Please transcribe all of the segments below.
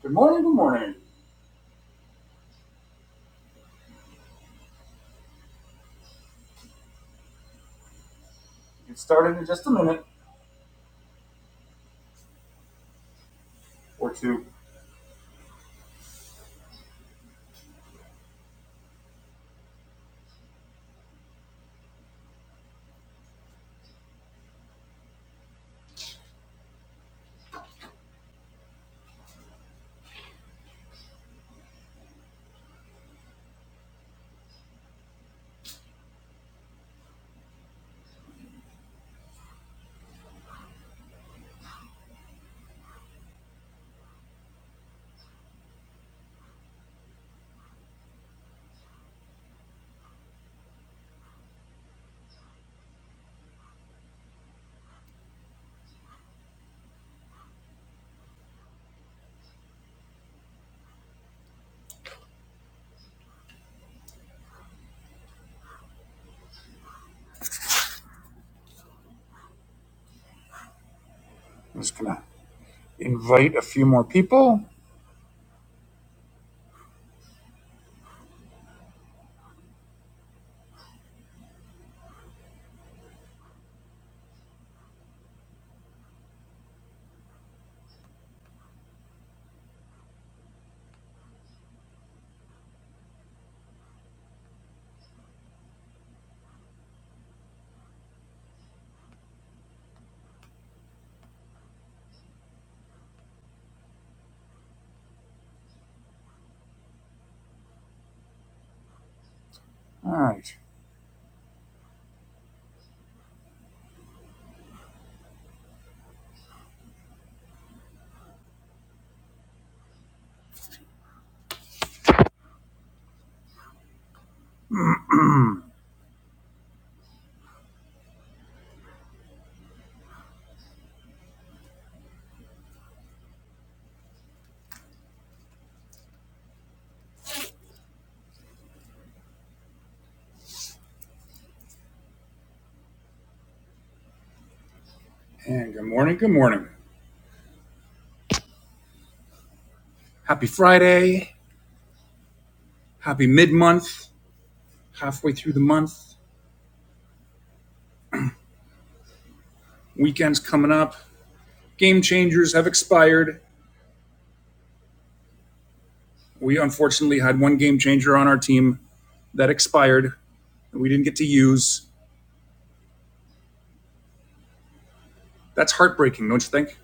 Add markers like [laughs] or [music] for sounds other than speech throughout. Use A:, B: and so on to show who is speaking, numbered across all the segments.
A: Good morning, good morning. Get started in just a minute or two. I'm just gonna invite a few more people. All right. And good morning, good morning. Happy Friday. Happy mid month. Halfway through the month. Weekend's coming up. Game changers have expired. We unfortunately had one game changer on our team that expired that we didn't get to use. That's heartbreaking, don't you think?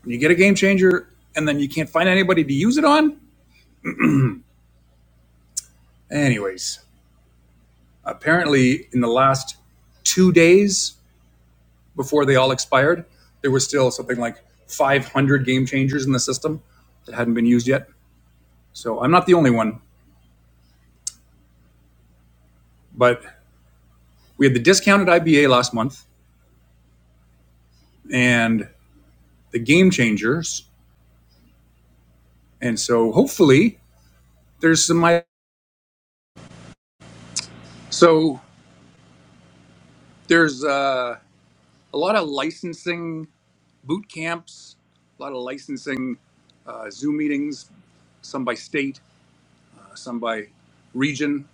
A: When you get a game changer and then you can't find anybody to use it on? Anyways, Apparently, in the last two days before they all expired, there was still something like 500 game changers in the system that hadn't been used yet. So I'm not the only one, but we had the discounted IBA last month and the game changers. And so hopefully there's some. So there's uh, a lot of licensing boot camps, a lot of licensing uh, Zoom meetings, some by state, uh, some by region.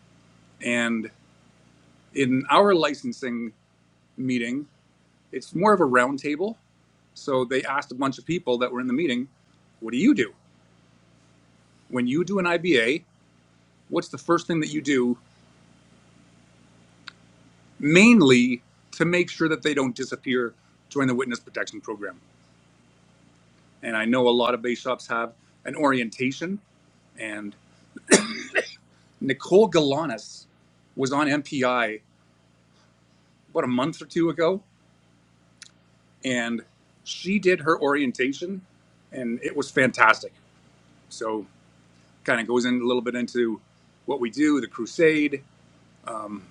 A: and in our licensing meeting, it's more of a roundtable. So they asked a bunch of people that were in the meeting, what do you do? When you do an IBA, what's the first thing that you do mainly to make sure that they don't disappear during the witness protection program? And I know a lot of base shops have an orientation. And Nicole Galanis was on MPI about a month or two ago, and she did her orientation, and it was fantastic. So kind of goes in a little bit into what we do, the crusade, um,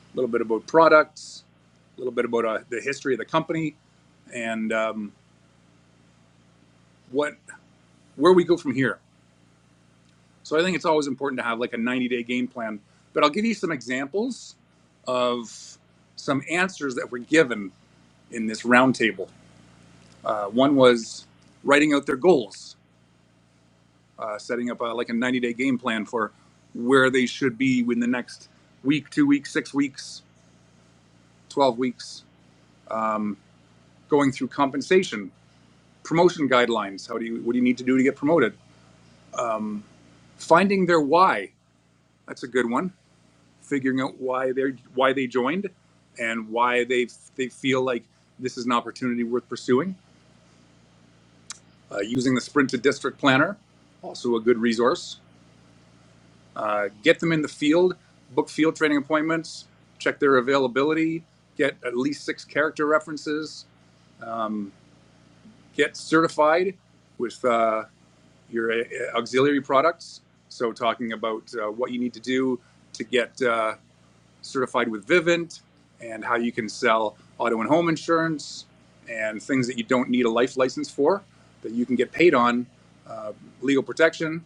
A: a little bit about products, a little bit about uh, the history of the company, and um, what where we go from here. So I think it's always important to have like a 90 day game plan. But I'll give you some examples of some answers that were given in this roundtable. Uh, one was writing out their goals, uh, setting up a, like a 90 day game plan for where they should be in the next week, two weeks, six weeks, 12 weeks. Um, going through compensation, promotion guidelines. How do you what do you need to do to get promoted? Um, finding their why. That's a good one. Figuring out why they why they joined, and why they they feel like this is an opportunity worth pursuing. Uh, using the Sprint to District Planner, also a good resource. Uh, get them in the field, book field training appointments, check their availability, get at least six character references, um, get certified with uh, your uh, auxiliary products. So talking about uh, what you need to do to get uh, certified with Vivint and how you can sell auto and home insurance and things that you don't need a life license for that you can get paid on, uh, legal protection,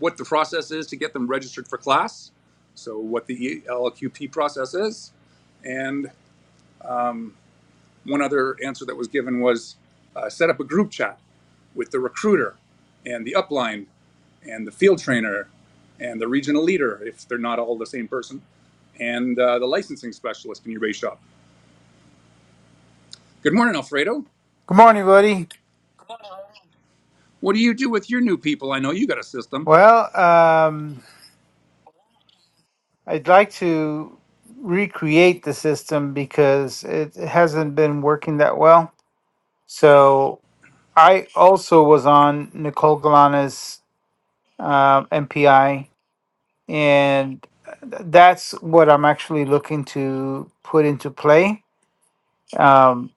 A: what the process is to get them registered for class. So what the LQP process is. And one other answer that was given was uh, set up a group chat with the recruiter and the upline and the field trainer and the regional leader, if they're not all the same person, and uh, the licensing specialist in your base shop. Good morning, Alfredo.
B: Good morning, buddy.
A: What do you do with your new people? I know you got a system.
B: Well, um, I'd like to recreate the system because it hasn't been working that well. So I also was on Nicole Galana's uh, MPI, and that's what I'm actually looking to put into play. Um,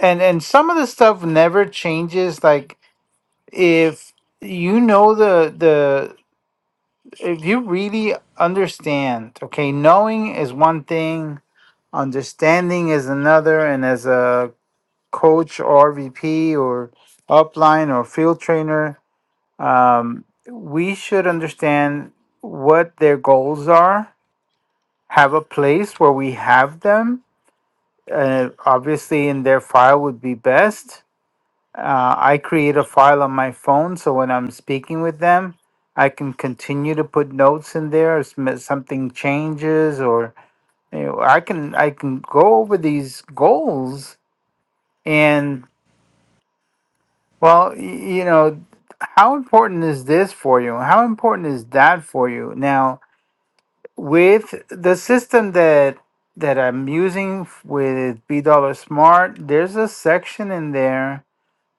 B: and and some of the stuff never changes. Like if you know the the if you really understand, okay, knowing is one thing, understanding is another, and as a coach or VP or upline or field trainer, um, we should understand what their goals are, have a place where we have them. Uh, obviously, in their file would be best uh, I create a file on my phone so when I'm speaking with them, I can continue to put notes in there if sm- something changes or you know, I can I can go over these goals and well, y- you know, how important is this for you? How important is that for you? Now, with the system that that I'm using f- with B Dollar Smart, there's a section in there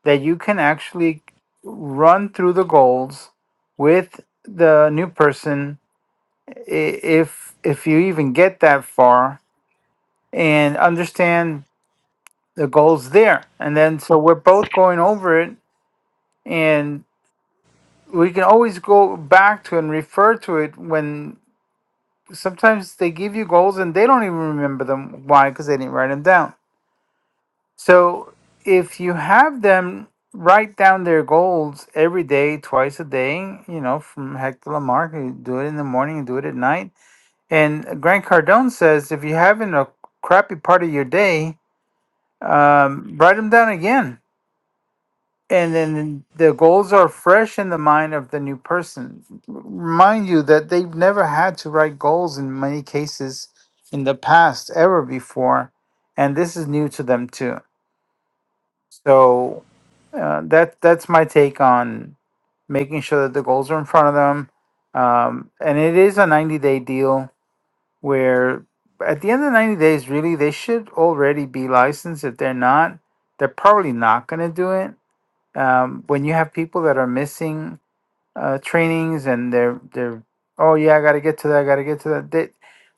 B: that you can actually run through the goals with the new person i- if if you even get that far and understand the goals there and then so we're both going over it and we can always go back to and refer to it when sometimes they give you goals and they don't even remember them why because they didn't write them down So if you have them write down their goals every day, twice a day, you know, from Hector to Lamarck, you do it in the morning, you do it at night. And Grant Cardone says if you're having a crappy part of your day, um, write them down again. And then the goals are fresh in the mind of the new person. Remind you that they've never had to write goals in many cases in the past ever before. And this is new to them too. So uh, that that's my take on making sure that the goals are in front of them. Um, and it is a 90 day deal where at the end of 90 days, really, they should already be licensed. If they're not, they're probably not going to do it. Um, when you have people that are missing uh, trainings and they're they're oh yeah, I got to get to that, I got to get to that. They,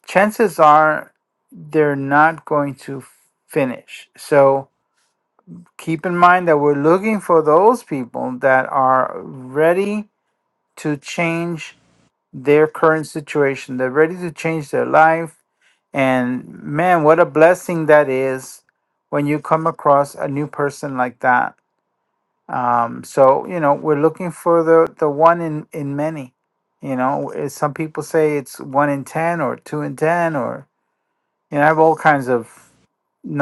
B: chances are they're not going to finish. So keep in mind that we're looking for those people that are ready to change their current situation. They're ready to change their life. And man, what a blessing that is when you come across a new person like that. Um, so you know, we're looking for the the one in in many. You know, eh, some people say it's one in ten or two in ten, or you know, I have all kinds of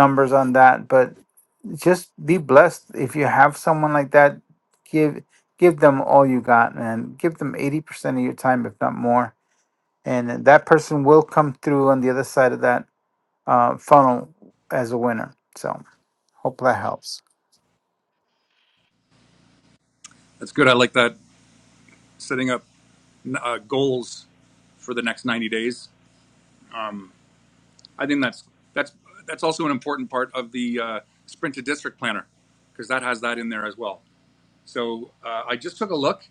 B: numbers on that. But just be blessed if you have someone like that give give them all you got man give them 80% of your time if not more and that person will come through on the other side of that uh, funnel as a winner so hope that helps
A: That's good. I like that. Setting up uh, goals for the next 90 days. I think that's that's that's also an important part of the uh, sprint to district planner because that has that in there as well. So uh, I just took a look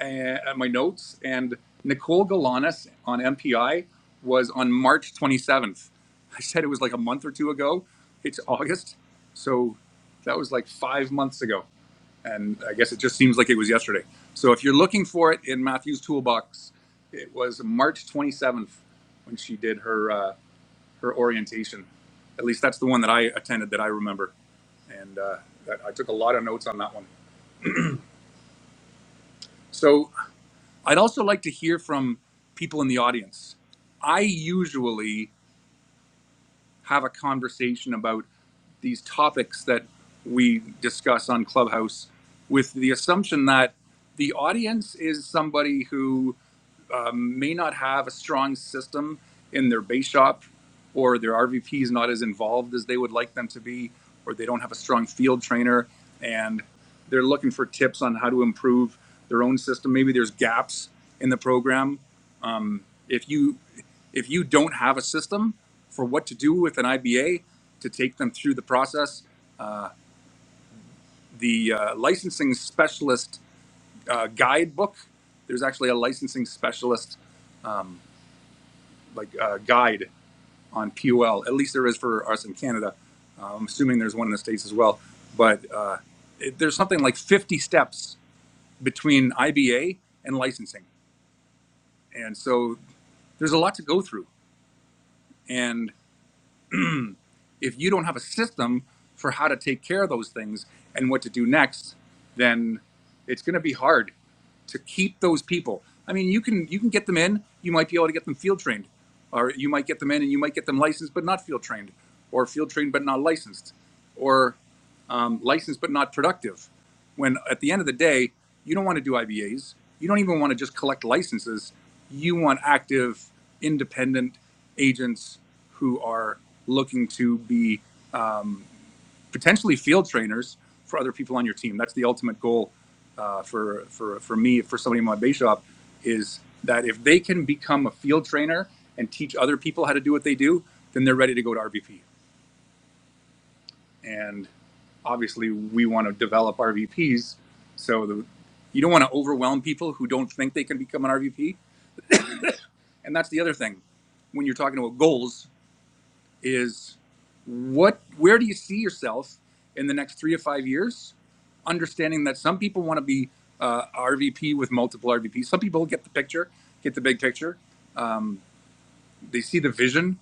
A: and uh, my notes, and Nicole Galanis on MPI was on March 27th. I said it was like a month or two ago. It's August, so that was like five months ago, and I guess it just seems like it was yesterday. So if you're looking for it in Matthew's toolbox, it was March 27th when she did her uh, her orientation. At least that's the one that I attended that I remember, and uh, I took a lot of notes on that one. So I'd also like to hear from people in the audience. I usually have a conversation about these topics that we discuss on Clubhouse with the assumption that the audience is somebody who um, may not have a strong system in their base shop, or their RVP is not as involved as they would like them to be, or they don't have a strong field trainer, and they're looking for tips on how to improve their own system. Maybe there's gaps in the program. Um, if you if you don't have a system for what to do with an IBA to take them through the process, uh, the uh, licensing specialist uh, guidebook. There's actually a licensing specialist um, like uh, guide on POL. At least there is for us in Canada. Uh, I'm assuming there's one in the states as well. But uh, it, there's something like 50 steps between IBA and licensing, and so there's a lot to go through. And if you don't have a system for how to take care of those things and what to do next, then it's going to be hard to keep those people. I mean, you can you can get them in. You might be able to get them field trained, or you might get them in and you might get them licensed but not field trained, or field trained but not licensed, or um, licensed but not productive when at the end of the day, you don't want to do IBAs. You don't even want to just collect licenses. You want active, independent agents who are looking to be potentially field trainers for other people on your team. That's the ultimate goal uh, for, for, for me, for somebody in my base shop, is that if they can become a field trainer and teach other people how to do what they do, then they're ready to go to RVP. and obviously we want to develop RVPs. So the, you don't want to overwhelm people who don't think they can become an RVP. And that's the other thing when you're talking about goals is what where do you see yourself in the next three to five years? Understanding that some people want to be uh, RVP with multiple RVPs. Some people get the picture, get the big picture. Um, they see the vision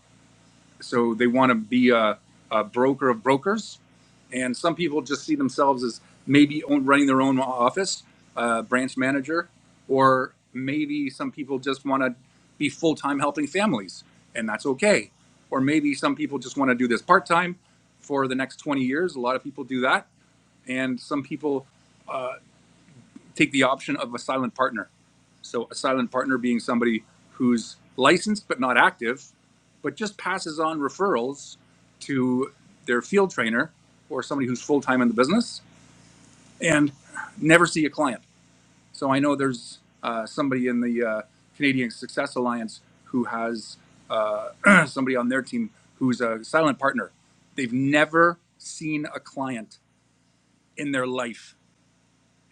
A: So they want to be a, a broker of brokers. And some people just see themselves as maybe own, running their own office, uh, branch manager, or maybe some people just want to be full time helping families, and that's okay. Or maybe some people just want to do this part time for the next 20 years. A lot of people do that. And some people uh, take the option of a silent partner. So a silent partner being somebody who's licensed but not active, but just passes on referrals to their field trainer or somebody who's full time in the business and never see a client. So I know there's uh, somebody in the uh, Canadian Success Alliance who has uh, [clears throat] somebody on their team who's a silent partner. They've never seen a client in their life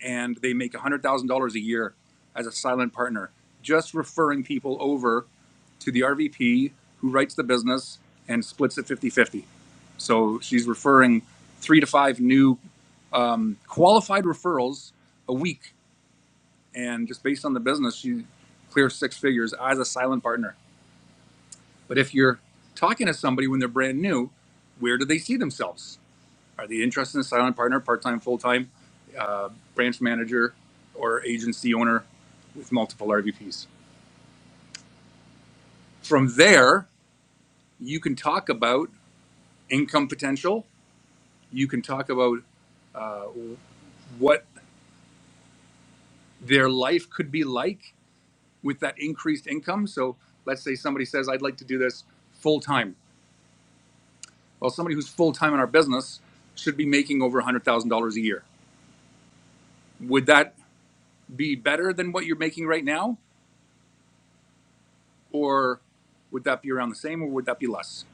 A: and they make $100,000 a year as a silent partner, just referring people over to the RVP who writes the business and splits it fifty-fifty. So she's referring three to five new um, qualified referrals a week. And just based on the business, she clears six figures as a silent partner. But if you're talking to somebody when they're brand new, where do they see themselves? Are they interested in a silent partner, part-time, full-time, uh, branch manager, or agency owner with multiple RVPs? From there, you can talk about income potential. You can talk about uh, what their life could be like with that increased income. So let's say somebody says, "I'd like to do this full time." Well, somebody who's full time in our business should be making over one hundred thousand dollars a year. Would that be better than what you're making right now? or would that be around the same or would that be less?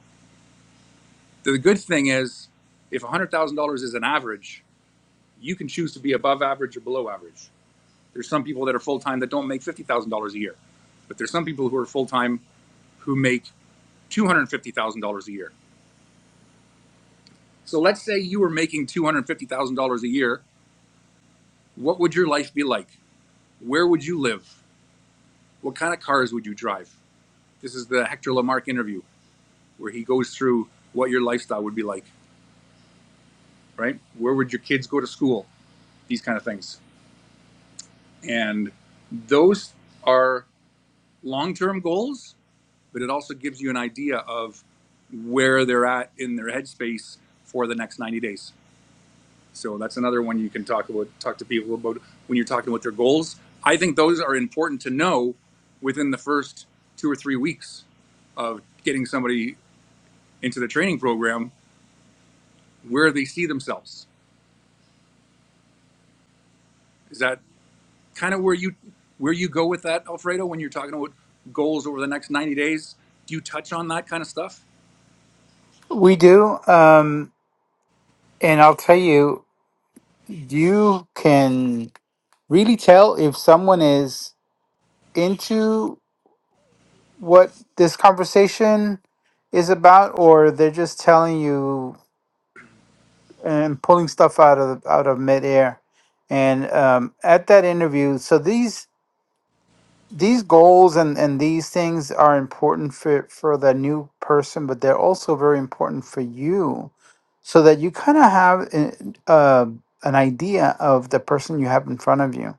A: The good thing is, if $100,000 is an average, you can choose to be above average or below average. There's some people that are full time that don't make $50,000 a year, but there's some people who are full time who make $250,000 a year. So let's say you were making $250,000 a year. What would your life be like? Where would you live? What kind of cars would you drive? This is the Hector Lamarck interview where he goes through what your lifestyle would be like, right? Where would your kids go to school? these kind of things. And those are long term goals, but it also gives you an idea of where they're at in their headspace for the next 90 days. So that's another one you can talk about, talk to people about when you're talking about their goals. I think those are important to know within the first two or three weeks of getting somebody into the training program where they see themselves. Is that kind of where you where you go with that, Alfredo, when you're talking about goals over the next 90 days? Do you touch on that kind of stuff?
B: we do um, and i'll tell you you can really tell if someone is into what this conversation is about or they're just telling you and pulling stuff out of out of midair. And um, at that interview, so these these goals and and these things are important for for the new person, but they're also very important for you, so that you kind of have an, uh, an idea of the person you have in front of you.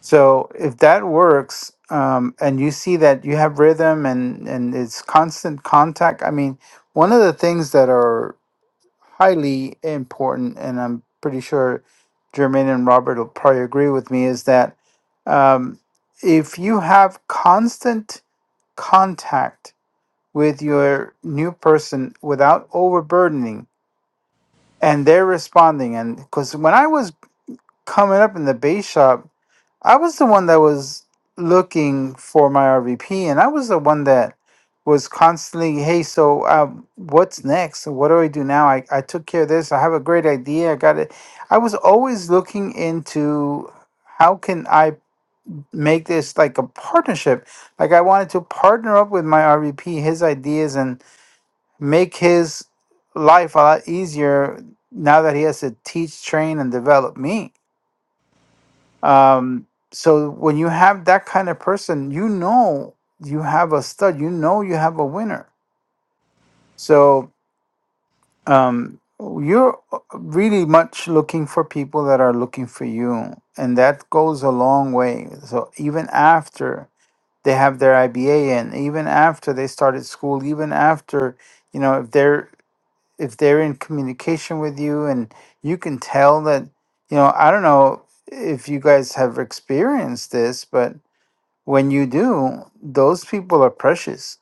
B: So if that works, um, and you see that you have rhythm and and it's constant contact, I mean, one of the things that are highly important, and I'm pretty sure Jermaine and Robert will probably agree with me, is that um, if you have constant contact with your new person without overburdening, and they're responding, and because when I was coming up in the base shop, I was the one that was looking for my RVP, and I was the one that was constantly, hey, so um, what's next? What do I do now? I, I took care of this. I have a great idea. I got it. I was always looking into how can I make this like a partnership. Like I wanted to partner up with my RVP, his ideas, and make his life a lot easier now that he has to teach, train, and develop me um, so when you have that kind of person, you know you have a stud. You know you have a winner. So um, you're uh, really much looking for people that are looking for you, and that goes a long way. So even after they have their IBA in, even after they started school, even after you know if they're if they're in communication with you, and you can tell that you know I don't know if you guys have experienced this, but When you do, those people are precious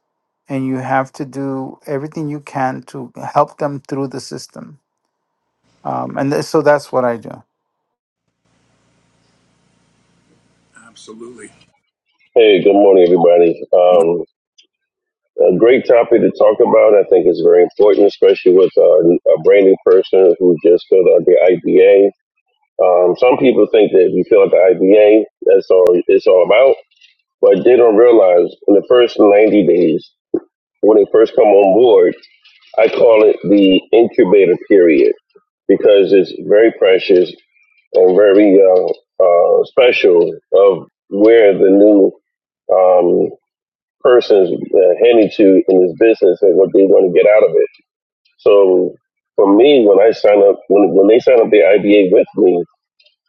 B: and you have to do everything you can to help them through the system. Um, and th- so that's what I do.
A: Absolutely.
C: Hey, good morning, everybody.
A: I
C: Um, a great topic to talk about. I think it's very important, especially with uh, a brand new person who just filled out the IBA. Um, some people think that if you fill out the IBA, that's all it's all about, but they don't realize in the first 90 days, when they first come on board, I call it the incubator period because it's very precious and very uh, uh, special of where the new um, person's uh, handed to in this business and what they want to get out of it. So for me, when I sign up, when, when they sign up the IBA with me,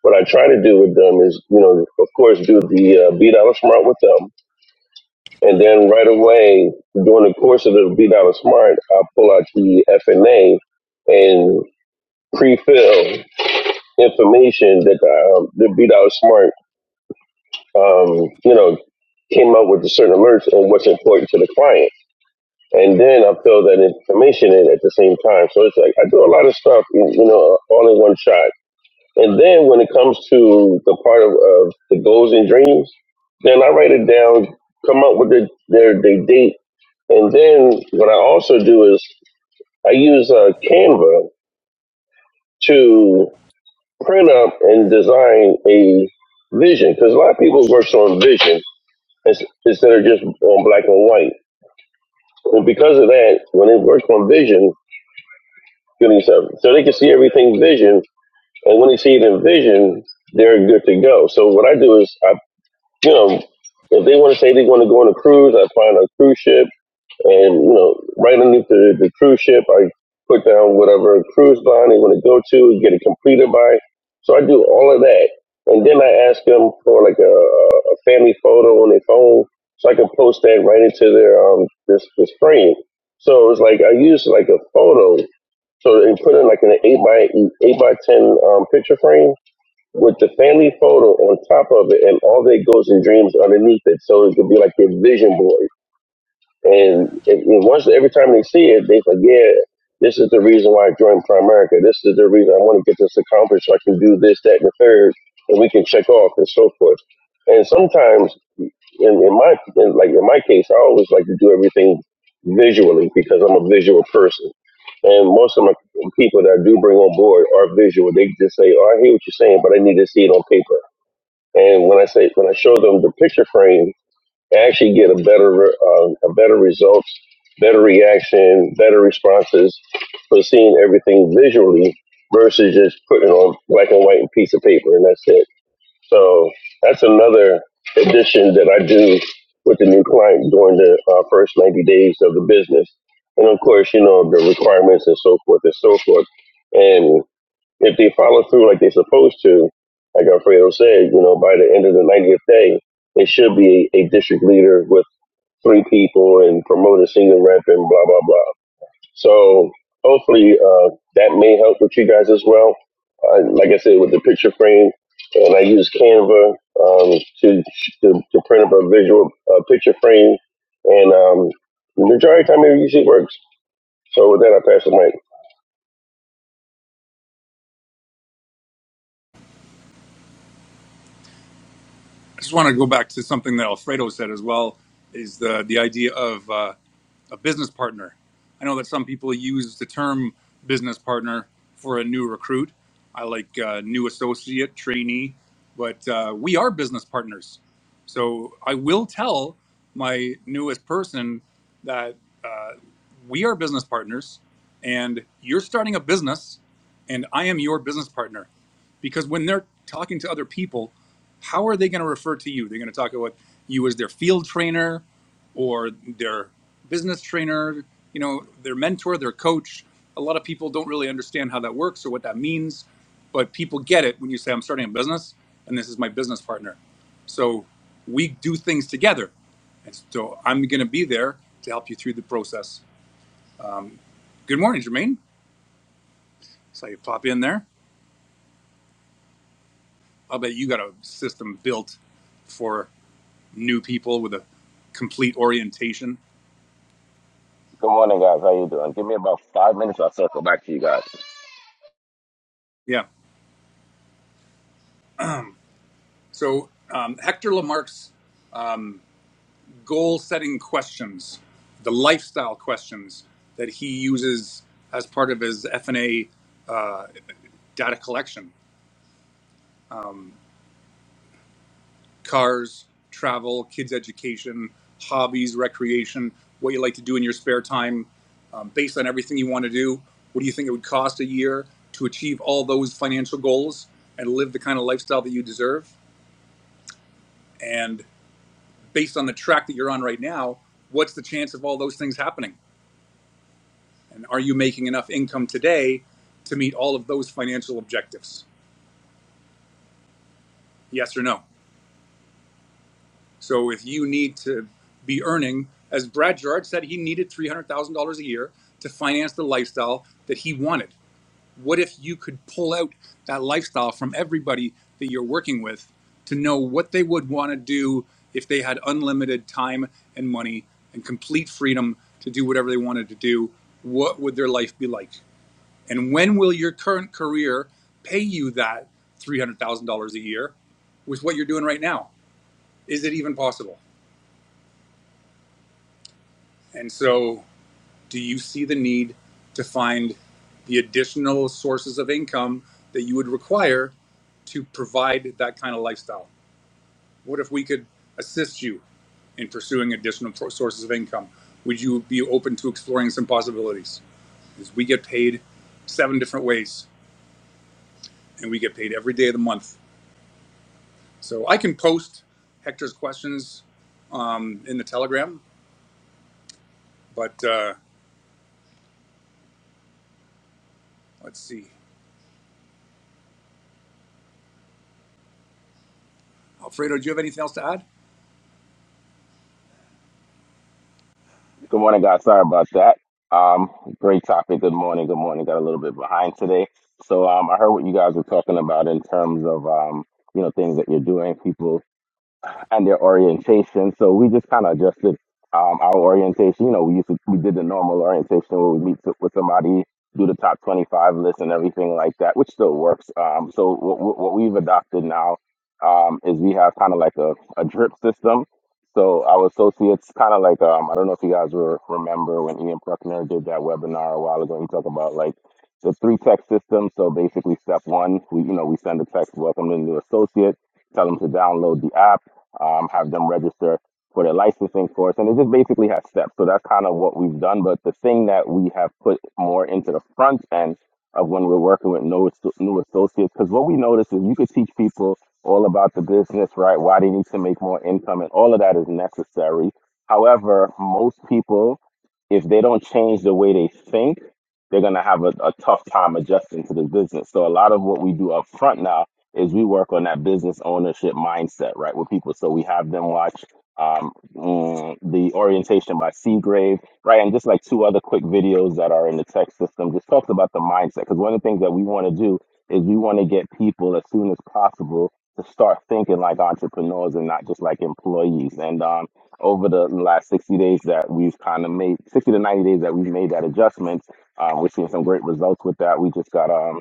C: what I try to do with them is, you know, of course, do the uh, B Dollar Smart with them. And then right away, during the course of the B Dollar Smart, I pull out the FNA and pre-fill information that um, the B Dollar Smart, um, you know, came up with the certain alerts and what's important to the client. and then I fill that information in at the same time. So it's like I do a lot of stuff, you know, all in one shot. And then when it comes to the part of, of the goals and dreams, then I write it down, come up with the, their the date, and then what I also do is I use uh, Canva to print up and design a vision because a lot of people work on vision instead of just on black and white. And because of that, when it works on vision, feeling yourself. So they can see everything vision, and when they see it in vision, they're good to go. So what I do is, I you know, if they want to say they want to go on a cruise, I find a cruise ship, and you know, right underneath the, the cruise ship, I put down whatever cruise line they want to go to, get it completed by. So I do all of that, and then I ask them for like a, a family photo on their phone, so I can post that right into their um this this frame. So it's like I use like a photo so they put in like an eight by eight by ten um, picture frame with the family photo on top of it, and all their goals and dreams underneath it. So it could be like their vision board. And if, if once every time they see it, they forget. This is the reason why I joined Primerica. This is the reason I want to get this accomplished so I can do this, that, and the third, and we can check off and so forth. And sometimes, in, in my in, like in my case, I always like to do everything visually because I'm a visual person. And most of my people that I do bring on board are visual. They just say, "Oh, I hear what you're saying, but I need to see it on paper." And when I say when I show them the picture frame actually get a better uh, a better results, better reaction, better responses for seeing everything visually versus just putting it on black and white and piece of paper and that's it. So that's another addition that I do with the new client during the uh, first 90 days of the business. And of course, you know, the requirements and so forth and so forth. and if they follow through like they're supposed to, like Alfredo said, you know, by the end of the 90th day, it should be a, a district leader with three people and promote a senior rep and blah, blah, blah. So hopefully uh, that may help with you guys as well. Uh, like I said, with the picture frame, and I use Canva um, to, to to print up a visual uh, picture frame, and um, the majority of the time it usually works. So with that, I pass the mic.
A: just want to go back to something that Alfredo said as well is the the idea of. uh, a business partner. I know that some people use the term business partner for a new recruit. I like uh, new associate, trainee, but uh, we are business partners. So I will tell my newest person that uh, we are business partners and you're starting a business and I am your business partner. Because when they're talking to other people, how are they going to refer to you? They're going to talk about you as their field trainer or their business trainer, you know, their mentor, their coach. A lot of people don't really understand how that works or what that means, but people get it when you say, I'm starting a business and this is my business partner. So we do things together. And so I'm going to be there to help you through the process. Um, good morning, Jermaine. So you pop in there. I'll bet you got a system built for new people with a complete orientation.
D: Good morning, guys. How you doing? Give me about five minutes. I'll circle back to you guys.
A: Yeah. So um, Hector Lamarck's goal setting questions, the lifestyle questions that he uses as part of his f FNA uh, data collection um, cars, travel, kids' education, hobbies, recreation, what you like to do in your spare time, um, based on everything you want to do. What do you think it would cost a year to achieve all those financial goals and live the kind of lifestyle that you deserve? And based on the track that you're on right now, what's the chance of all those things happening? And are you making enough income today to meet all of those financial objectives? Yes or no? So if you need to be earning, as Brad Gerard said, he needed $300,000 a year to finance the lifestyle that he wanted. What if you could pull out that lifestyle from everybody that you're working with to know what they would want to do if they had unlimited time and money and complete freedom to do whatever they wanted to do? What would their life be like? And when will your current career pay you that $300,000 a year with what you're doing right now? Is it even possible? And so, do you see the need to find the additional sources of income that you would require to provide that kind of lifestyle? What if we could assist you in pursuing additional pro- sources of income? Would you be open to exploring some possibilities? Because we get paid seven different ways and we get paid every day of the month So I can post Hector's questions um, in the Telegram, but uh, let's see. Alfredo, do you have anything else to add?
D: Good morning, guys. Sorry about that. Um, great topic. Good morning. Good morning. Got a little bit behind today. So, um, I heard what you guys were talking about in terms of, um, you know, things that you're doing. People and their orientation. So we just kind of adjusted um, our orientation. You know, we used to, we did the normal orientation where we meet to, with somebody, do the top 25 list and everything like that, which still works. Um, so what, what what we've adopted now um, is we have kind of like a, a drip system. So our associates kind of like um, I don't know if you guys were, remember when Ian Bruckner did that webinar a while ago. He talked about like the three text system. So basically, step one, we you know we send a text welcome to the new associate tell them to download the app um, have them register for their licensing course, and it just basically has steps. So that's kind of what we've done. But the thing that we have put more into the front end of when we're working with new, new associates, because what we notice is you could teach people all about the business, right? Why they need to make more income, and all of that is necessary. However, most people, if they don't change the way they think, they're gonna have a, a tough time adjusting to the business. So a lot of what we do up front now is we work on that business ownership mindset, right, with people. So we have them watch um, mm, the orientation by Seagrave, right, and just like two other quick videos that are in the tech system, just talks about the mindset. Because one of the things that we want to do is we want to get people as soon as possible to start thinking like entrepreneurs and not just like employees. And um, over the last 60 days that we've kind of made, 60 to 90 days that we've made that adjustment, um, we're seeing some great results with that. We just got um,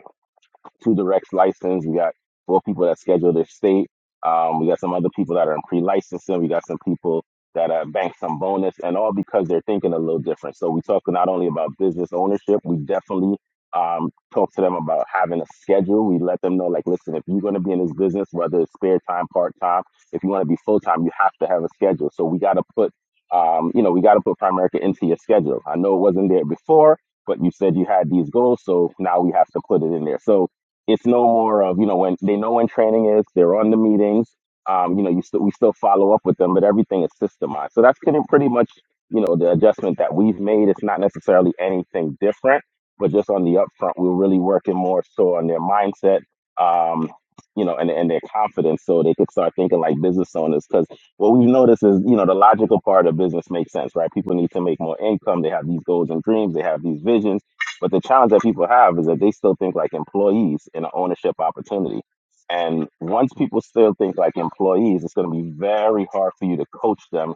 D: two directs licensed. We got four people that schedule their state. Um, we got some other people that are in pre-licensing. We got some people that uh, bank some bonus, and all because they're thinking a little different. So we talk not only about business ownership. We definitely um, talk to them about having a schedule. We let them know, like, listen, if you're going to be in this business, whether it's spare time, part time, if you want to be full time, you have to have a schedule. So we got to put, um, you know, we got to put Primerica into your schedule. I know it wasn't there before, but you said you had these goals, so now we have to put it in there. So it's no more of you know when they know when training is they're on the meetings um you know you still we still follow up with them but everything is systemized so that's pretty, pretty much you know the adjustment that we've made it's not necessarily anything different but just on the upfront we're really working more so on their mindset um you know and, and their confidence so they could start thinking like business owners because what we've noticed is you know the logical part of business makes sense right people need to make more income they have these goals and dreams they have these visions but the challenge that people have is that they still think like employees in an ownership opportunity. And once people still think like employees, it's going to be very hard for you to coach them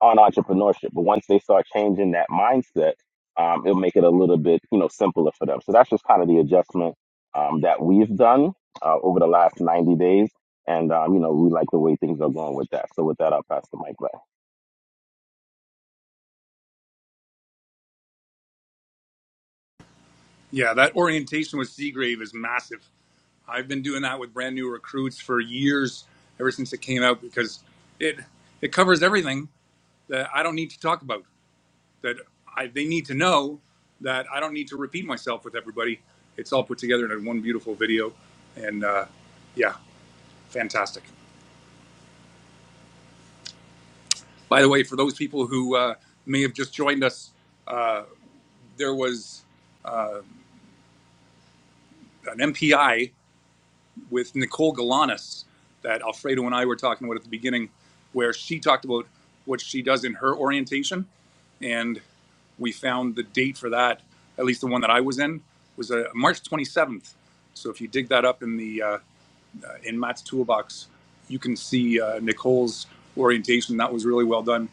D: on entrepreneurship. But once they start changing that mindset, um, it'll make it a little bit, you know, simpler for them. So that's just kind of the adjustment um, that we've done uh, over the last 90 days. And, um, you know, we like the way things are going with that. So with that, I'll pass the mic back.
A: Yeah, that orientation with Seagrave is massive. I've been doing that with brand new recruits for years, ever since it came out, because it it covers everything that I don't need to talk about. That I, they need to know that I don't need to repeat myself with everybody. It's all put together in one beautiful video, and uh, yeah, fantastic. By the way, for those people who uh, may have just joined us, uh, there was an MPI with Nicole Galanis that Alfredo and I were talking about at the beginning, where she talked about what she does in her orientation. And we found the date for that, at least the one that I was in, was uh, March 27th. So if you dig that up in the uh, in Matt's toolbox, you can see uh, Nicole's orientation. That was really well done.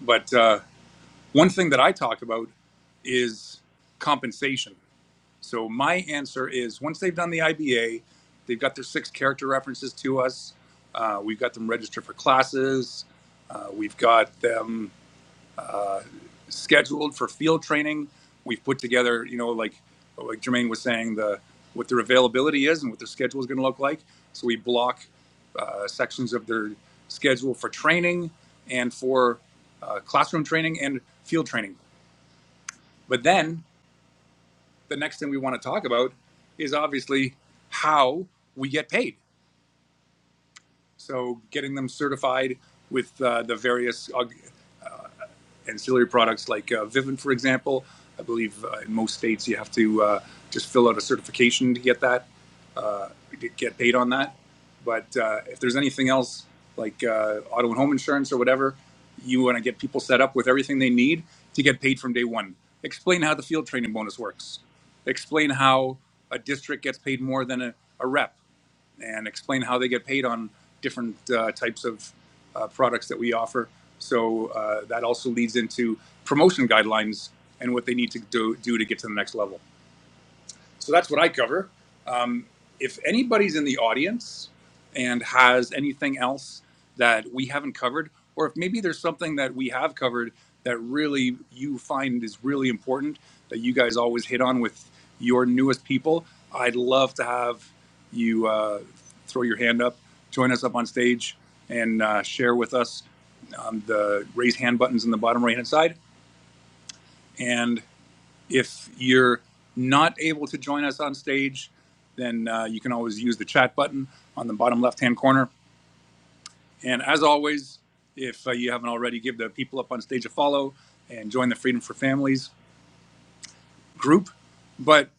A: But uh, One thing that I talk about is compensation. So my answer is once they've done the IBA, they've got their six character references to us. Uh, we've got them registered for classes. Uh, we've got them uh, scheduled for field training. We've put together, you know, like like Jermaine was saying, the what their availability is and what their schedule is going to look like. So we block uh, sections of their schedule for training and for uh, classroom training and field training. But then the next thing we want to talk about is obviously how we get paid. So getting them certified with uh, the various uh, ancillary products like uh, Vivint, for example. I believe uh, in most states you have to uh, just fill out a certification to get that, uh, get paid on that. But uh, if there's anything else like uh, auto and home insurance or whatever, you want to get people set up with everything they need to get paid from day one. Explain how the field training bonus works. Explain how a district gets paid more than a, a rep and explain how they get paid on different uh, types of uh, products that we offer. So uh, that also leads into promotion guidelines and what they need to do, do to get to the next level. So that's what I cover. Um, if anybody's in the audience and has anything else that we haven't covered, or if maybe there's something that we have covered that really you find is really important that you guys always hit on with your newest people, I'd love to have you uh, throw your hand up, join us up on stage, and uh, share with us um, the raise hand buttons in the bottom right hand side. And if you're not able to join us on stage, then uh, you can always use the chat button on the bottom left hand corner. And as always, if uh, you haven't already, give the people up on stage a follow and join the Freedom for Families group. But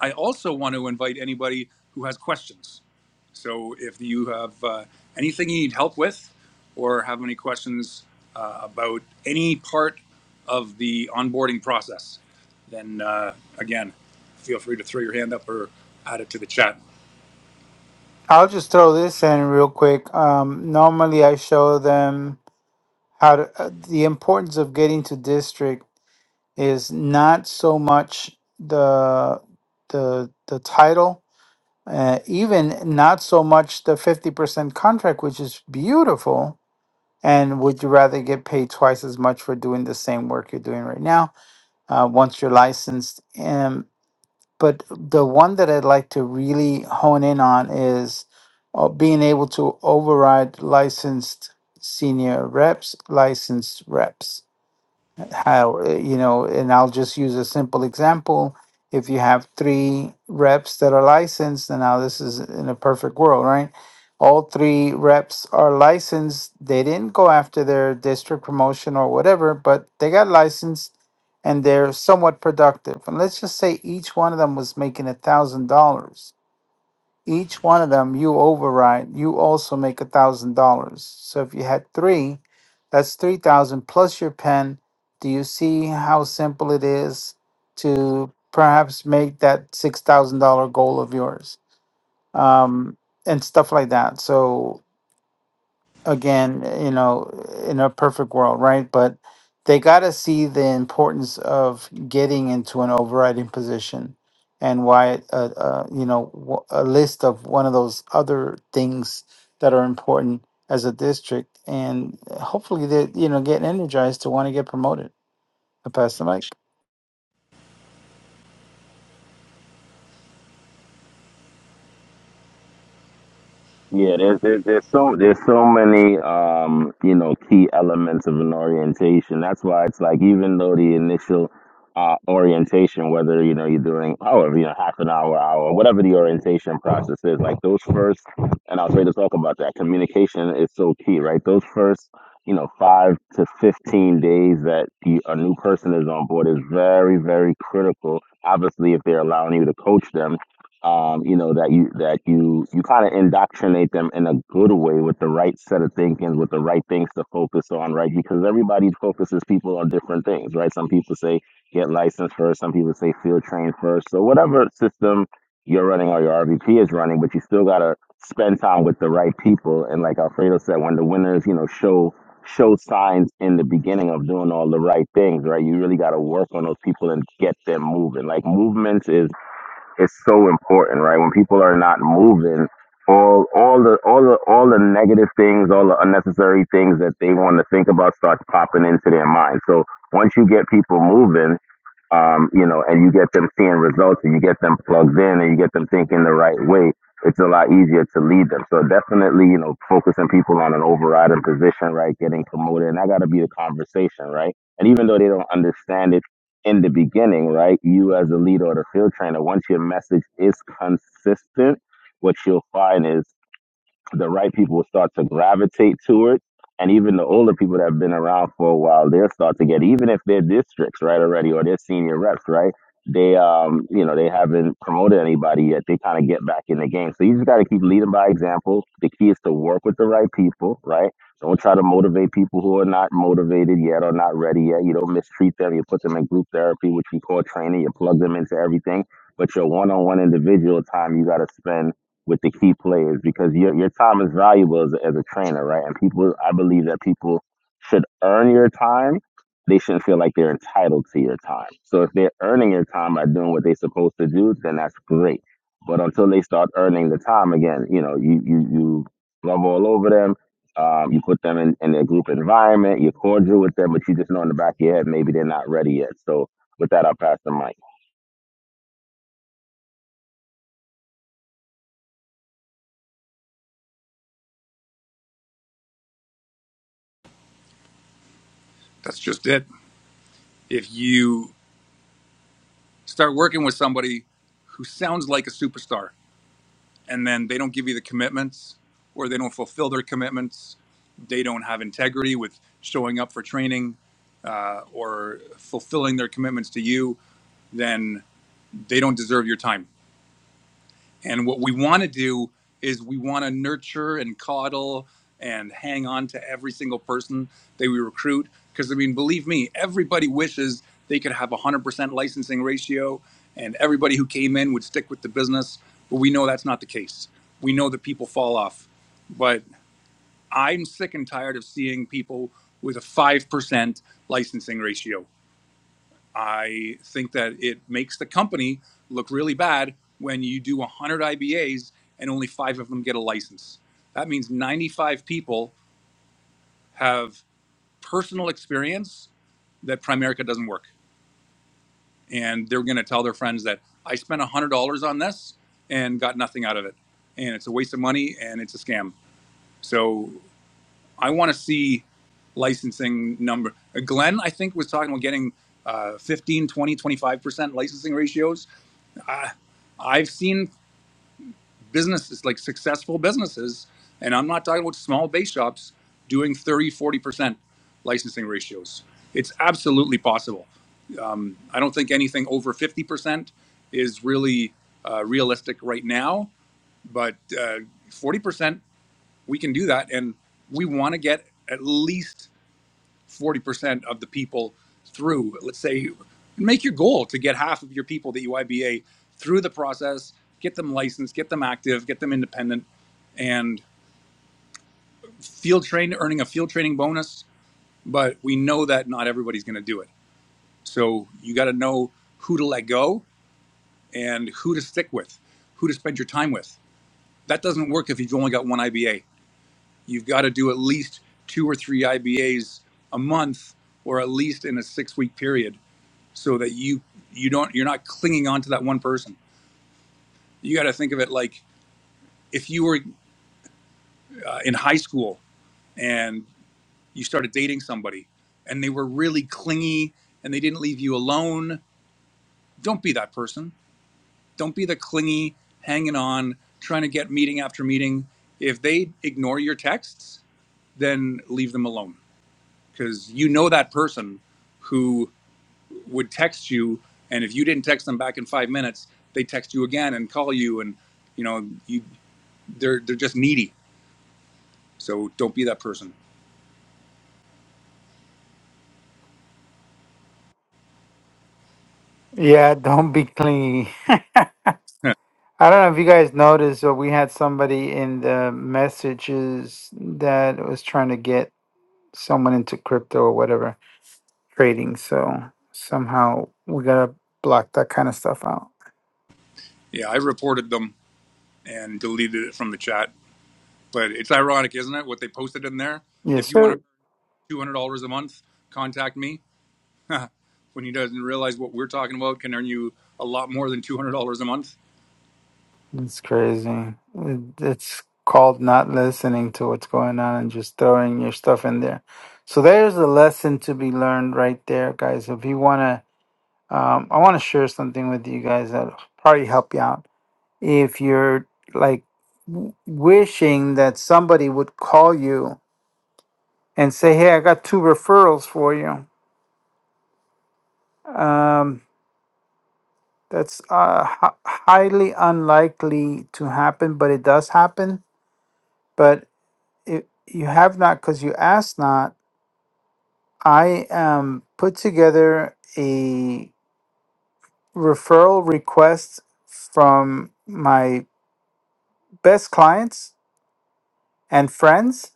A: I also want to invite anybody who has questions. So if you have uh, anything you need help with or have any questions uh, about any part of the onboarding process, then uh, again, feel free to throw your hand up or add it to the chat.
B: I'll just throw this in real quick. Um, normally, I show them how to, uh, the importance of getting to district is not so much the the the title, uh, even not so much the fifty percent contract, which is beautiful And would you rather get paid twice as much for doing the same work you're doing right now uh, once you're licensed? And but the one that I'd like to really hone in on is uh, being able to override licensed senior reps, licensed reps how uh, you know and i'll just use a simple example if you have three reps that are licensed and now this is in a perfect world right all three reps are licensed they didn't go after their district promotion or whatever but they got licensed and they're somewhat productive and let's just say each one of them was making a thousand dollars each one of them you override, you also make a thousand dollars. So if you had three, that's three thousand plus your pen. Do you see how simple it is to perhaps make that six thousand dollar goal of yours? Um, and stuff like that. So again, you know, in a perfect world, right? But they got to see the importance of getting into an overriding position and why, uh, uh, you know, wh- a list of one of those other things that are important as a district. And hopefully they, you know, get energized to want to get promoted. I pass the mic.
D: Yeah, there's, there's there's so there's so many um you know key elements of an orientation. That's why it's like even though the initial uh, orientation, whether you know you're doing however you know half an hour, hour, whatever the orientation process is, like those first, and I was ready to talk about that. Communication is so key, right? Those first you know five to fifteen days that the, a new person is on board is very very critical. Obviously, if they're allowing you to coach them um, you know that you that you you kind of indoctrinate them in a good way with the right set of thinking with the right things to focus on right because everybody focuses people on different things right some people say get licensed first some people say field train first so whatever system you're running or your rvp is running but you still got to spend time with the right people and like alfredo said when the winners you know show show signs in the beginning of doing all the right things right you really got to work on those people and get them moving like movements is it's so important, right? When people are not moving, all all the all the all the negative things, all the unnecessary things that they want to think about starts popping into their mind. So once you get people moving, um, you know, and you get them seeing results and you get them plugged in and you get them thinking the right way, it's a lot easier to lead them. So definitely, you know, focusing people on an overriding position, right? Getting promoted. And that got to be the conversation, right? And even though they don't understand it in the beginning, right? You as a leader or the field trainer, once your message is consistent, what you'll find is the right people will start to gravitate to it. And even the older people that have been around for a while, they'll start to get, even if their districts, right, already, or their senior reps, right, they, um, you know, they haven't promoted anybody yet. They kind of get back in the game. So you just got to keep leading by example. The key is to work with the right people, right? Don't try to motivate people who are not motivated yet or not ready yet. You don't mistreat them. You put them in group therapy, which we call training. You plug them into everything. But your one-on-one individual time, you got to spend with the key players because your your time is valuable as a, as a trainer, right? And people, I believe that people should earn your time. They shouldn't feel like they're entitled to your time. So if they're earning your time by doing what they're supposed to do, then that's great. But until they start earning the time again, you know, you you you love all over them. Um, you put them in, in their group environment. You're cordial with them, but you just know in the back of your head maybe they're not ready yet. So with that, I'll pass the mic.
A: That's just it. If you start working with somebody who sounds like a superstar, and then they don't give you the commitments or they don't fulfill their commitments. They don't have integrity with showing up for training uh, or fulfilling their commitments to you, then they don't deserve your time. And what we want to do is we want to nurture and coddle and hang on to every single person that we recruit. Because, I mean, believe me, everybody wishes they could have a 100% licensing ratio and everybody who came in would stick with the business. But we know that's not the case. We know that people fall off. But I'm sick and tired of seeing people with a 5% licensing ratio. I think that it makes the company look really bad when you do 100 IBAs and only five of them get a license. That means 95 people have personal experience that Primerica doesn't work. And they're going to tell their friends that I spent $100 on this and got nothing out of it. And it's a waste of money and it's a scam. So I want to see licensing number. Glenn, I think, was talking about getting uh, 15, 20, 25% licensing ratios I, I've seen businesses like successful businesses, and I'm not talking about small base shops doing thirty, forty percent licensing ratios. It's absolutely possible. Um, I don't think anything over 50% is really uh, realistic right now, but uh, 40%, we can do that. And we want to get at least 40% of the people through. Let's say make your goal to get half of your people that you IBA through the process, get them licensed, get them active, get them independent, and field train earning a field training bonus. But we know that not everybody's going to do it. So you got to know who to let go and who to stick with, who to spend your time with. That doesn't work if you've only got one IBA. You've got to do at least two or three IBAs a month or at least in a six week period so that you you don't you're not clinging on to that one person. You got to think of it like if you were uh, in high school and you started dating somebody and they were really clingy and they didn't leave you alone. Don't be that person. Don't be the clingy, hanging on, trying to get meeting after meeting. If they ignore your texts, then leave them alone because you know that person who would text you, and if you didn't text them back in five minutes, they text you again and call you, and you know you they're they're just needy. So don't be that person.
B: Yeah, don't be clingy.
A: [laughs]
B: I don't know if you guys noticed, but we had somebody in the messages that was trying to get someone into crypto or whatever trading. So somehow we gotta block that kind of stuff out.
A: yeah, I reported them and deleted it from the chat. But it's ironic, isn't it? What they posted in there. If
B: Yes,
A: you want to
B: sir.
A: earn two hundred dollars a month, contact me. [laughs] when he doesn't realize what we're talking about can earn you a lot more than two hundred dollars a month.
B: It's crazy. It, it's called not listening to what's going on and just throwing your stuff in there. So there's a lesson to be learned right there, guys. If you wanna, um, I want to share something with you guys that'll probably help you out. If you're like w- wishing that somebody would call you and say, "Hey, I got two referrals for you." Um, That's uh, hi- highly unlikely to happen, but it does happen. But it, you have not because you asked not. I um, put together a referral request from my best clients and friends,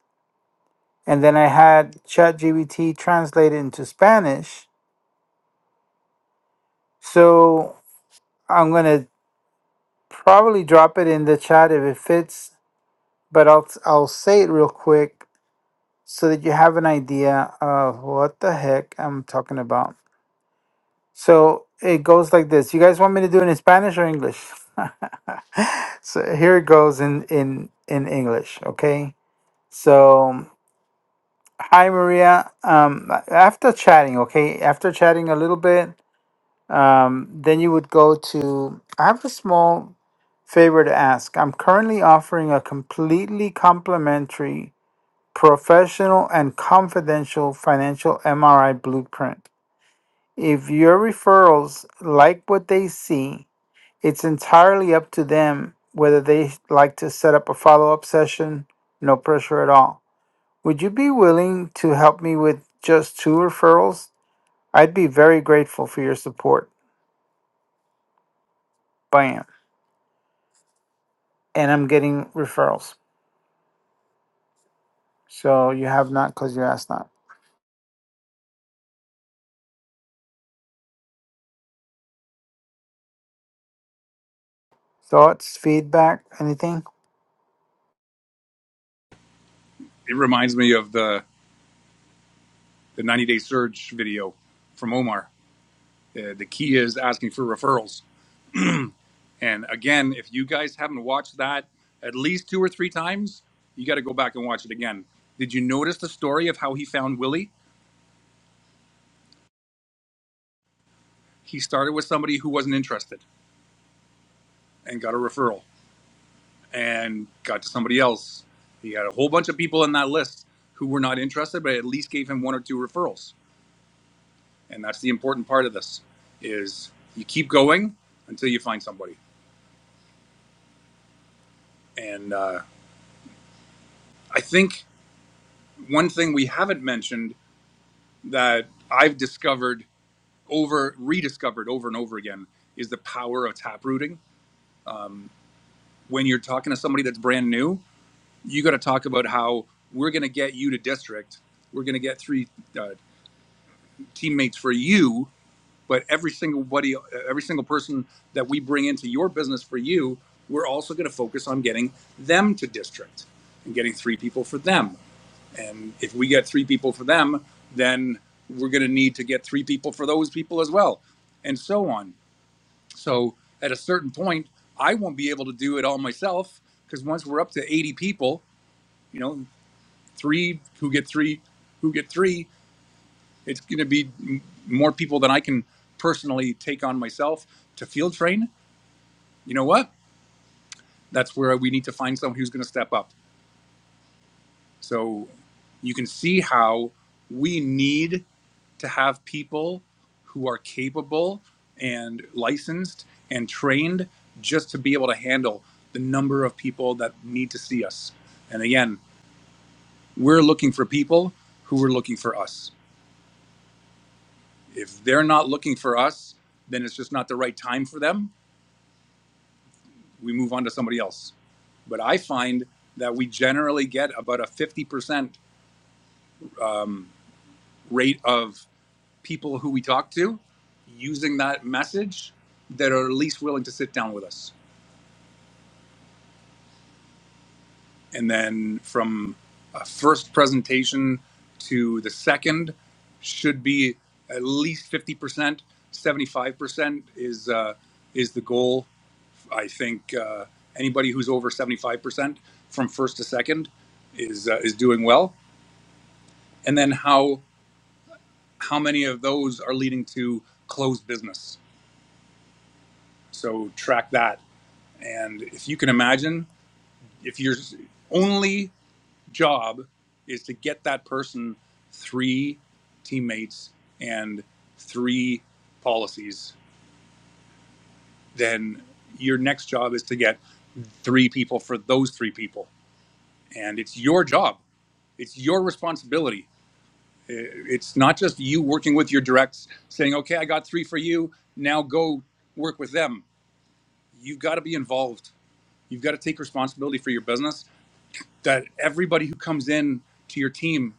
B: and then I had ChatGPT translate it into Spanish. So I'm gonna probably drop it in the chat if it fits, but I'll I'll say it real quick so that you have an idea of what the heck I'm talking about. So it goes like this. You guys want me to do it in Spanish or English? [laughs] so here it goes in in in English. Okay. So hi Maria. Um, after chatting, okay, after chatting a little bit, um, then you would go to. I have a small favor to ask. I'm currently offering a completely complimentary professional and confidential financial MRI blueprint. If your referrals like what they see, it's entirely up to them whether they like to set up a follow up session, no pressure at all. Would you be willing to help me with just two referrals? I'd be very grateful for your support. Bam. And I'm getting referrals. So you have not because you asked not. Thoughts, feedback, anything?
A: It reminds me of the the ninety day surge video from Omar. Uh, the key is asking for referrals And again, if you guys haven't watched that at least two or three times, you got to go back and watch it again. Did you notice the story of how he found Willie? He started with somebody who wasn't interested and got a referral and got to somebody else. He had a whole bunch of people in that list who were not interested, but at least gave him one or two referrals. And that's the important part of this is you keep going until you find somebody. And uh, I think one thing we haven't mentioned that I've discovered over rediscovered over and over again is the power of taprooting. Um, when you're talking to somebody that's brand new, you got to talk about how we're going to get you to district. We're going to get three uh, teammates for you, but every single buddy, uh, every single person that we bring into your business for you, we're also going to focus on getting them to district and getting three people for them. And if we get three people for them, then we're going to need to get three people for those people as well, and so on So at a certain point, I won't be able to do it all myself because once we're up to 80 people, you know, three who get three, who get three, it's going to be m- more people than I can personally take on myself to field train. You know what? That's where we need to find someone who's going to step up. So you can see how we need to have people who are capable and licensed and trained just to be able to handle the number of people that need to see us. And again, we're looking for people who are looking for us. If they're not looking for us, then it's just not the right time for them. We move on to somebody else. But I find that we generally get about a 50% um, rate of people who we talk to using that message that are least willing to sit down with us. and then from a first presentation to the second should be at least 50% 75% is uh, is the goal i think uh, anybody who's over 75% from first to second is uh, is doing well and then how how many of those are leading to closed business so track that and if you can imagine if you're only job is to get that person three teammates and three policies, then your next job is to get three people for those three people. And it's your job, it's your responsibility. It's not just you working with your directs saying, okay, I got three for you. Now go work with them. You've got to be involved. You've got to take responsibility for your business. That everybody who comes in to your team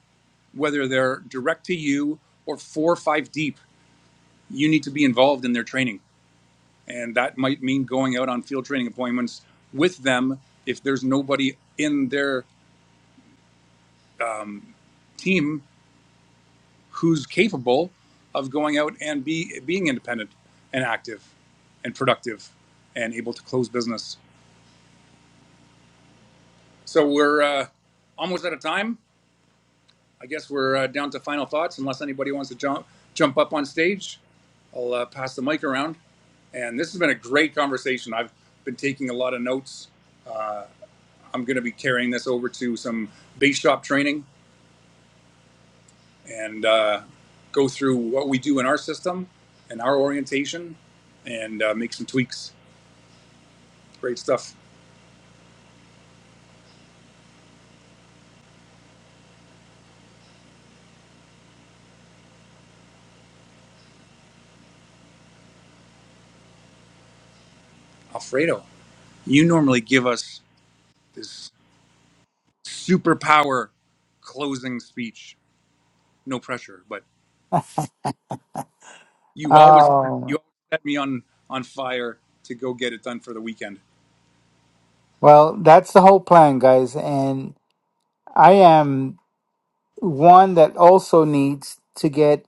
A: whether they're direct to you or four or five deep, you need to be involved in their training. And that might mean going out on field training appointments with them if there's nobody in their um, team who's capable of going out and be being independent and active and productive and able to close business. So we're uh, almost out of time. I guess we're uh, down to final thoughts unless anybody wants to jump jump up on stage. I'll uh, pass the mic around. And this has been a great conversation. I've been taking a lot of notes. Uh, I'm going to be carrying this over to some base shop training and uh, go through what we do in our system and our orientation and uh, make some tweaks. Great stuff. Alfredo, you normally give us this superpower closing speech, no pressure, but you always
B: Oh.
A: you always set me on on fire to go get it done for the weekend.
B: Well, that's the whole plan, guys. And I am one that also needs to get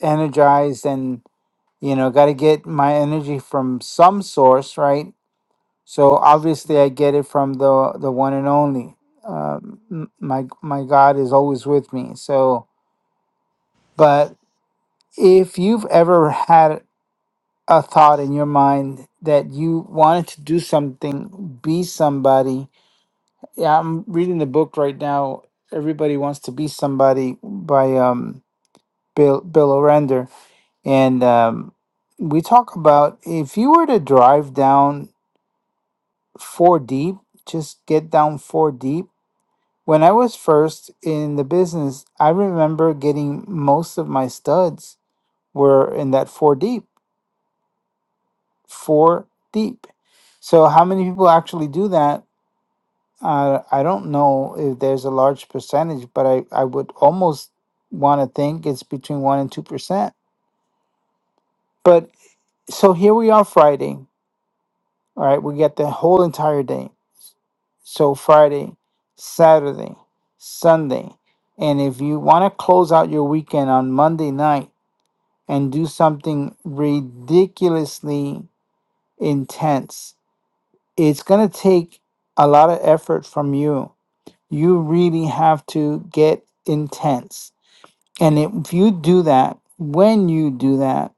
B: energized and, you know, got to get my energy from some source, right? So obviously I get it from the, the one and only. Um, m- my, my God is always with me. So, but if you've ever had a thought in your mind that you wanted to do something, be somebody, Yeah, I'm reading the book right now. Everybody Wants to Be Somebody by um, Bill Bill O'Render, and um, we talk about if you were to drive down four deep, just get down four deep. When I was first in the business, I remember getting most of my studs were in that four deep, four deep. So how many people actually do that? I I don't know if there's a large percentage, but I, I would almost want to think it's between 1% and 2%. But so here we are Friday, all right? We get the whole entire day. So Friday, Saturday, Sunday. And if you want to close out your weekend on Monday night and do something ridiculously intense, it's going to take a lot of effort from you you really have to get intense. And if you do that, when you do that,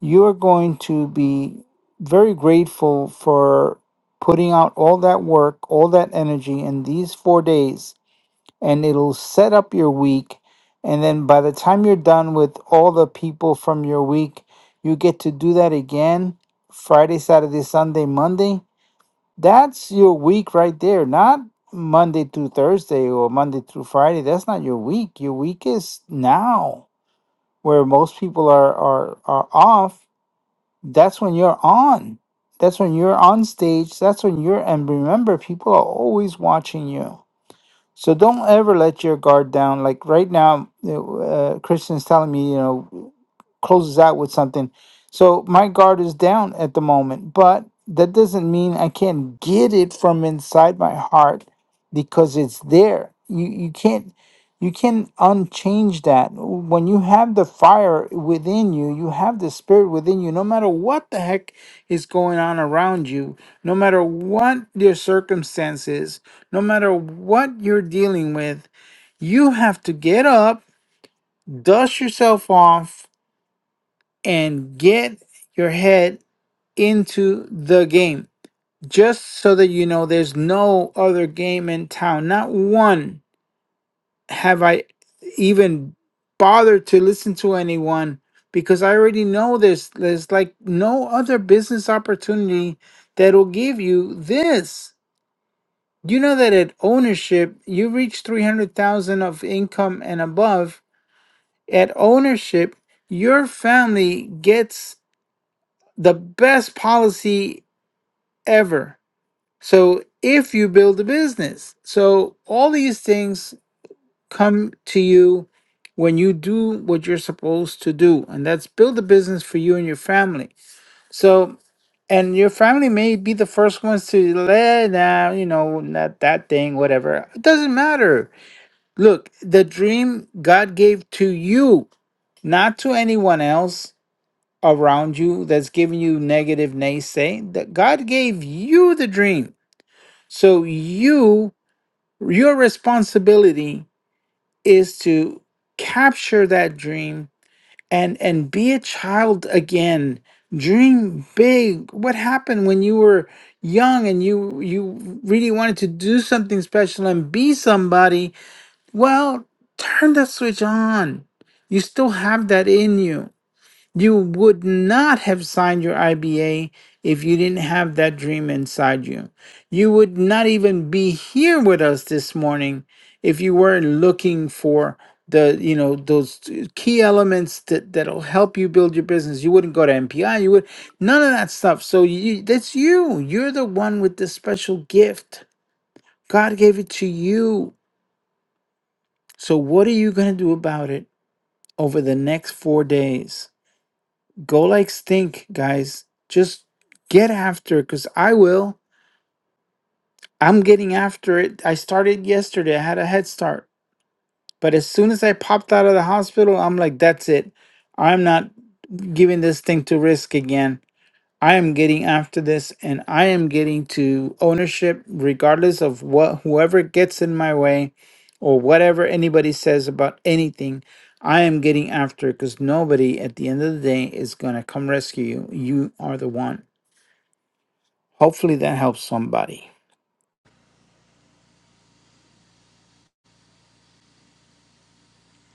B: you're going to be very grateful for putting out all that work, all that energy in these four days, and it'll set up your week. And then by the time you're done with all the people from your week, you get to do that again Friday, Saturday, Sunday, Monday that's your week right there, not Monday through Thursday or Monday through Friday. That's not your week. Your week is now, where most people are are are off. That's when you're on. That's when you're on stage. That's when you're and remember, people are always watching you. So don't ever let your guard down. Like right now, you know, uh, Christian's telling me, you know, closes out with something. So my guard is down at the moment, but that doesn't mean I can't get it from inside my heart because it's there. You you can't you can unchange that. When you have the fire within you, you have the spirit within you, no matter what the heck is going on around you, no matter what your circumstances no matter what you're dealing with, you have to get up, dust yourself off, and get your head into the game. Just so that you know, there's no other game in town. Not one have I even bothered to listen to anyone because I already know this. There's like no other business opportunity that'll give you this Do you know that at ownership, you reach 300,000 of income and above, at ownership, your family gets the best policy ever. So if you build a business, so all these things come to you when you do what you're supposed to do, and that's build a business for you and your family. So and your family may be the first ones to let nah, you know, not that thing, whatever. It doesn't matter Look, the dream God gave to you, not to anyone else around you that's giving you negative naysay. That God gave you the dream. So you your responsibility is to capture that dream and and be a child again. Dream big. What happened when you were young and you you really wanted to do something special and be somebody well, turn that switch on. You still have that in you. You would not have signed your IBA if you didn't have that dream inside you. You would not even be here with us this morning if you weren't looking for the you know those key elements that that'll help you build your business you wouldn't go to mpi you would none of that stuff so you that's you you're the one with the special gift god gave it to you so what are you going to do about it over the next four days. Go like stink, guys. Just get after it because I will. I'm getting after it. I started yesterday, I had a head start. But as soon as I popped out of the hospital, I'm like, that's it. I'm not giving this thing to risk again. I am getting after this and I am getting to ownership regardless of what whoever gets in my way or whatever anybody says about anything. I am getting after it because nobody at the end of the day is going to come rescue you. You are the one. Hopefully that helps somebody.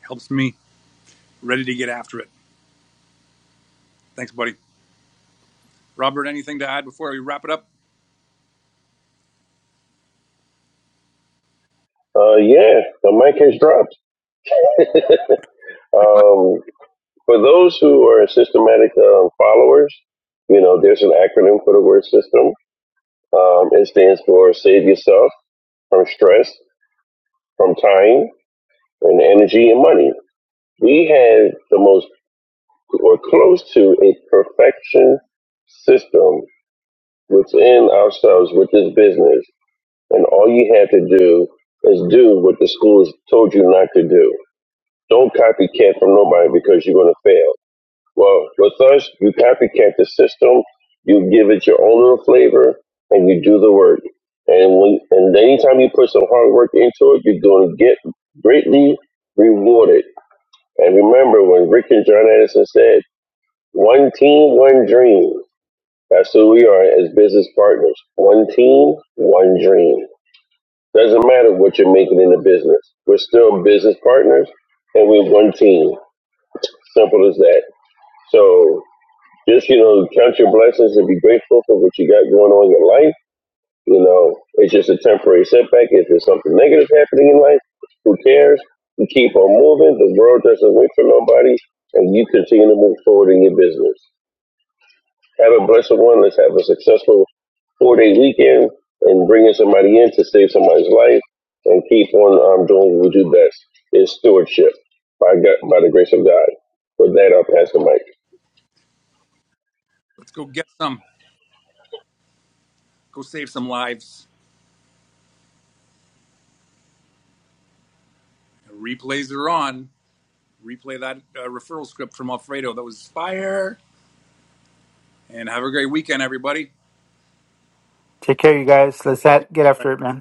A: Helps me ready to get after it. Thanks, buddy. Robert, anything to add before we wrap it up?
C: Uh, yeah, the mic has dropped.
A: Pretty much.
C: Um, For those who are systematic um, followers, you know, there's an acronym for the word system. Um, it stands for save yourself from stress, from time, and energy and money. We have the most or close to a perfection system within ourselves with this business. And all you have to do is do what the schools told you not to do. Don't copycat from nobody because you're going to fail. Well, with us, you copycat the system, you give it your own little flavor, and you do the work. And when and anytime you put some hard work into it, you're going to get greatly rewarded. And remember when Rick and John Addison said, "One team, one dream." That's who we are as business partners. One team, one dream. Doesn't matter what you're making in the business. We're still business partners, and we're one team. Simple as that. So Just, you know, count your blessings and be grateful for what you got going on in your life. You know, it's just a temporary setback. If there's something negative happening in life, who cares? You keep on moving. The world doesn't wait for nobody, and you continue to move forward in your business. Have a blessed one. Let's have a successful four day weekend and bringing somebody in to save somebody's life and keep on um, doing what we do best It's stewardship by, God, by the grace of God. With that, I'll pass the mic.
A: Let's go get some. Go save some lives. Replays are on. Replay that uh, referral script from Alfredo. That was fire. And have a great weekend, everybody.
B: Take care, you guys. Let's at- get after it, man.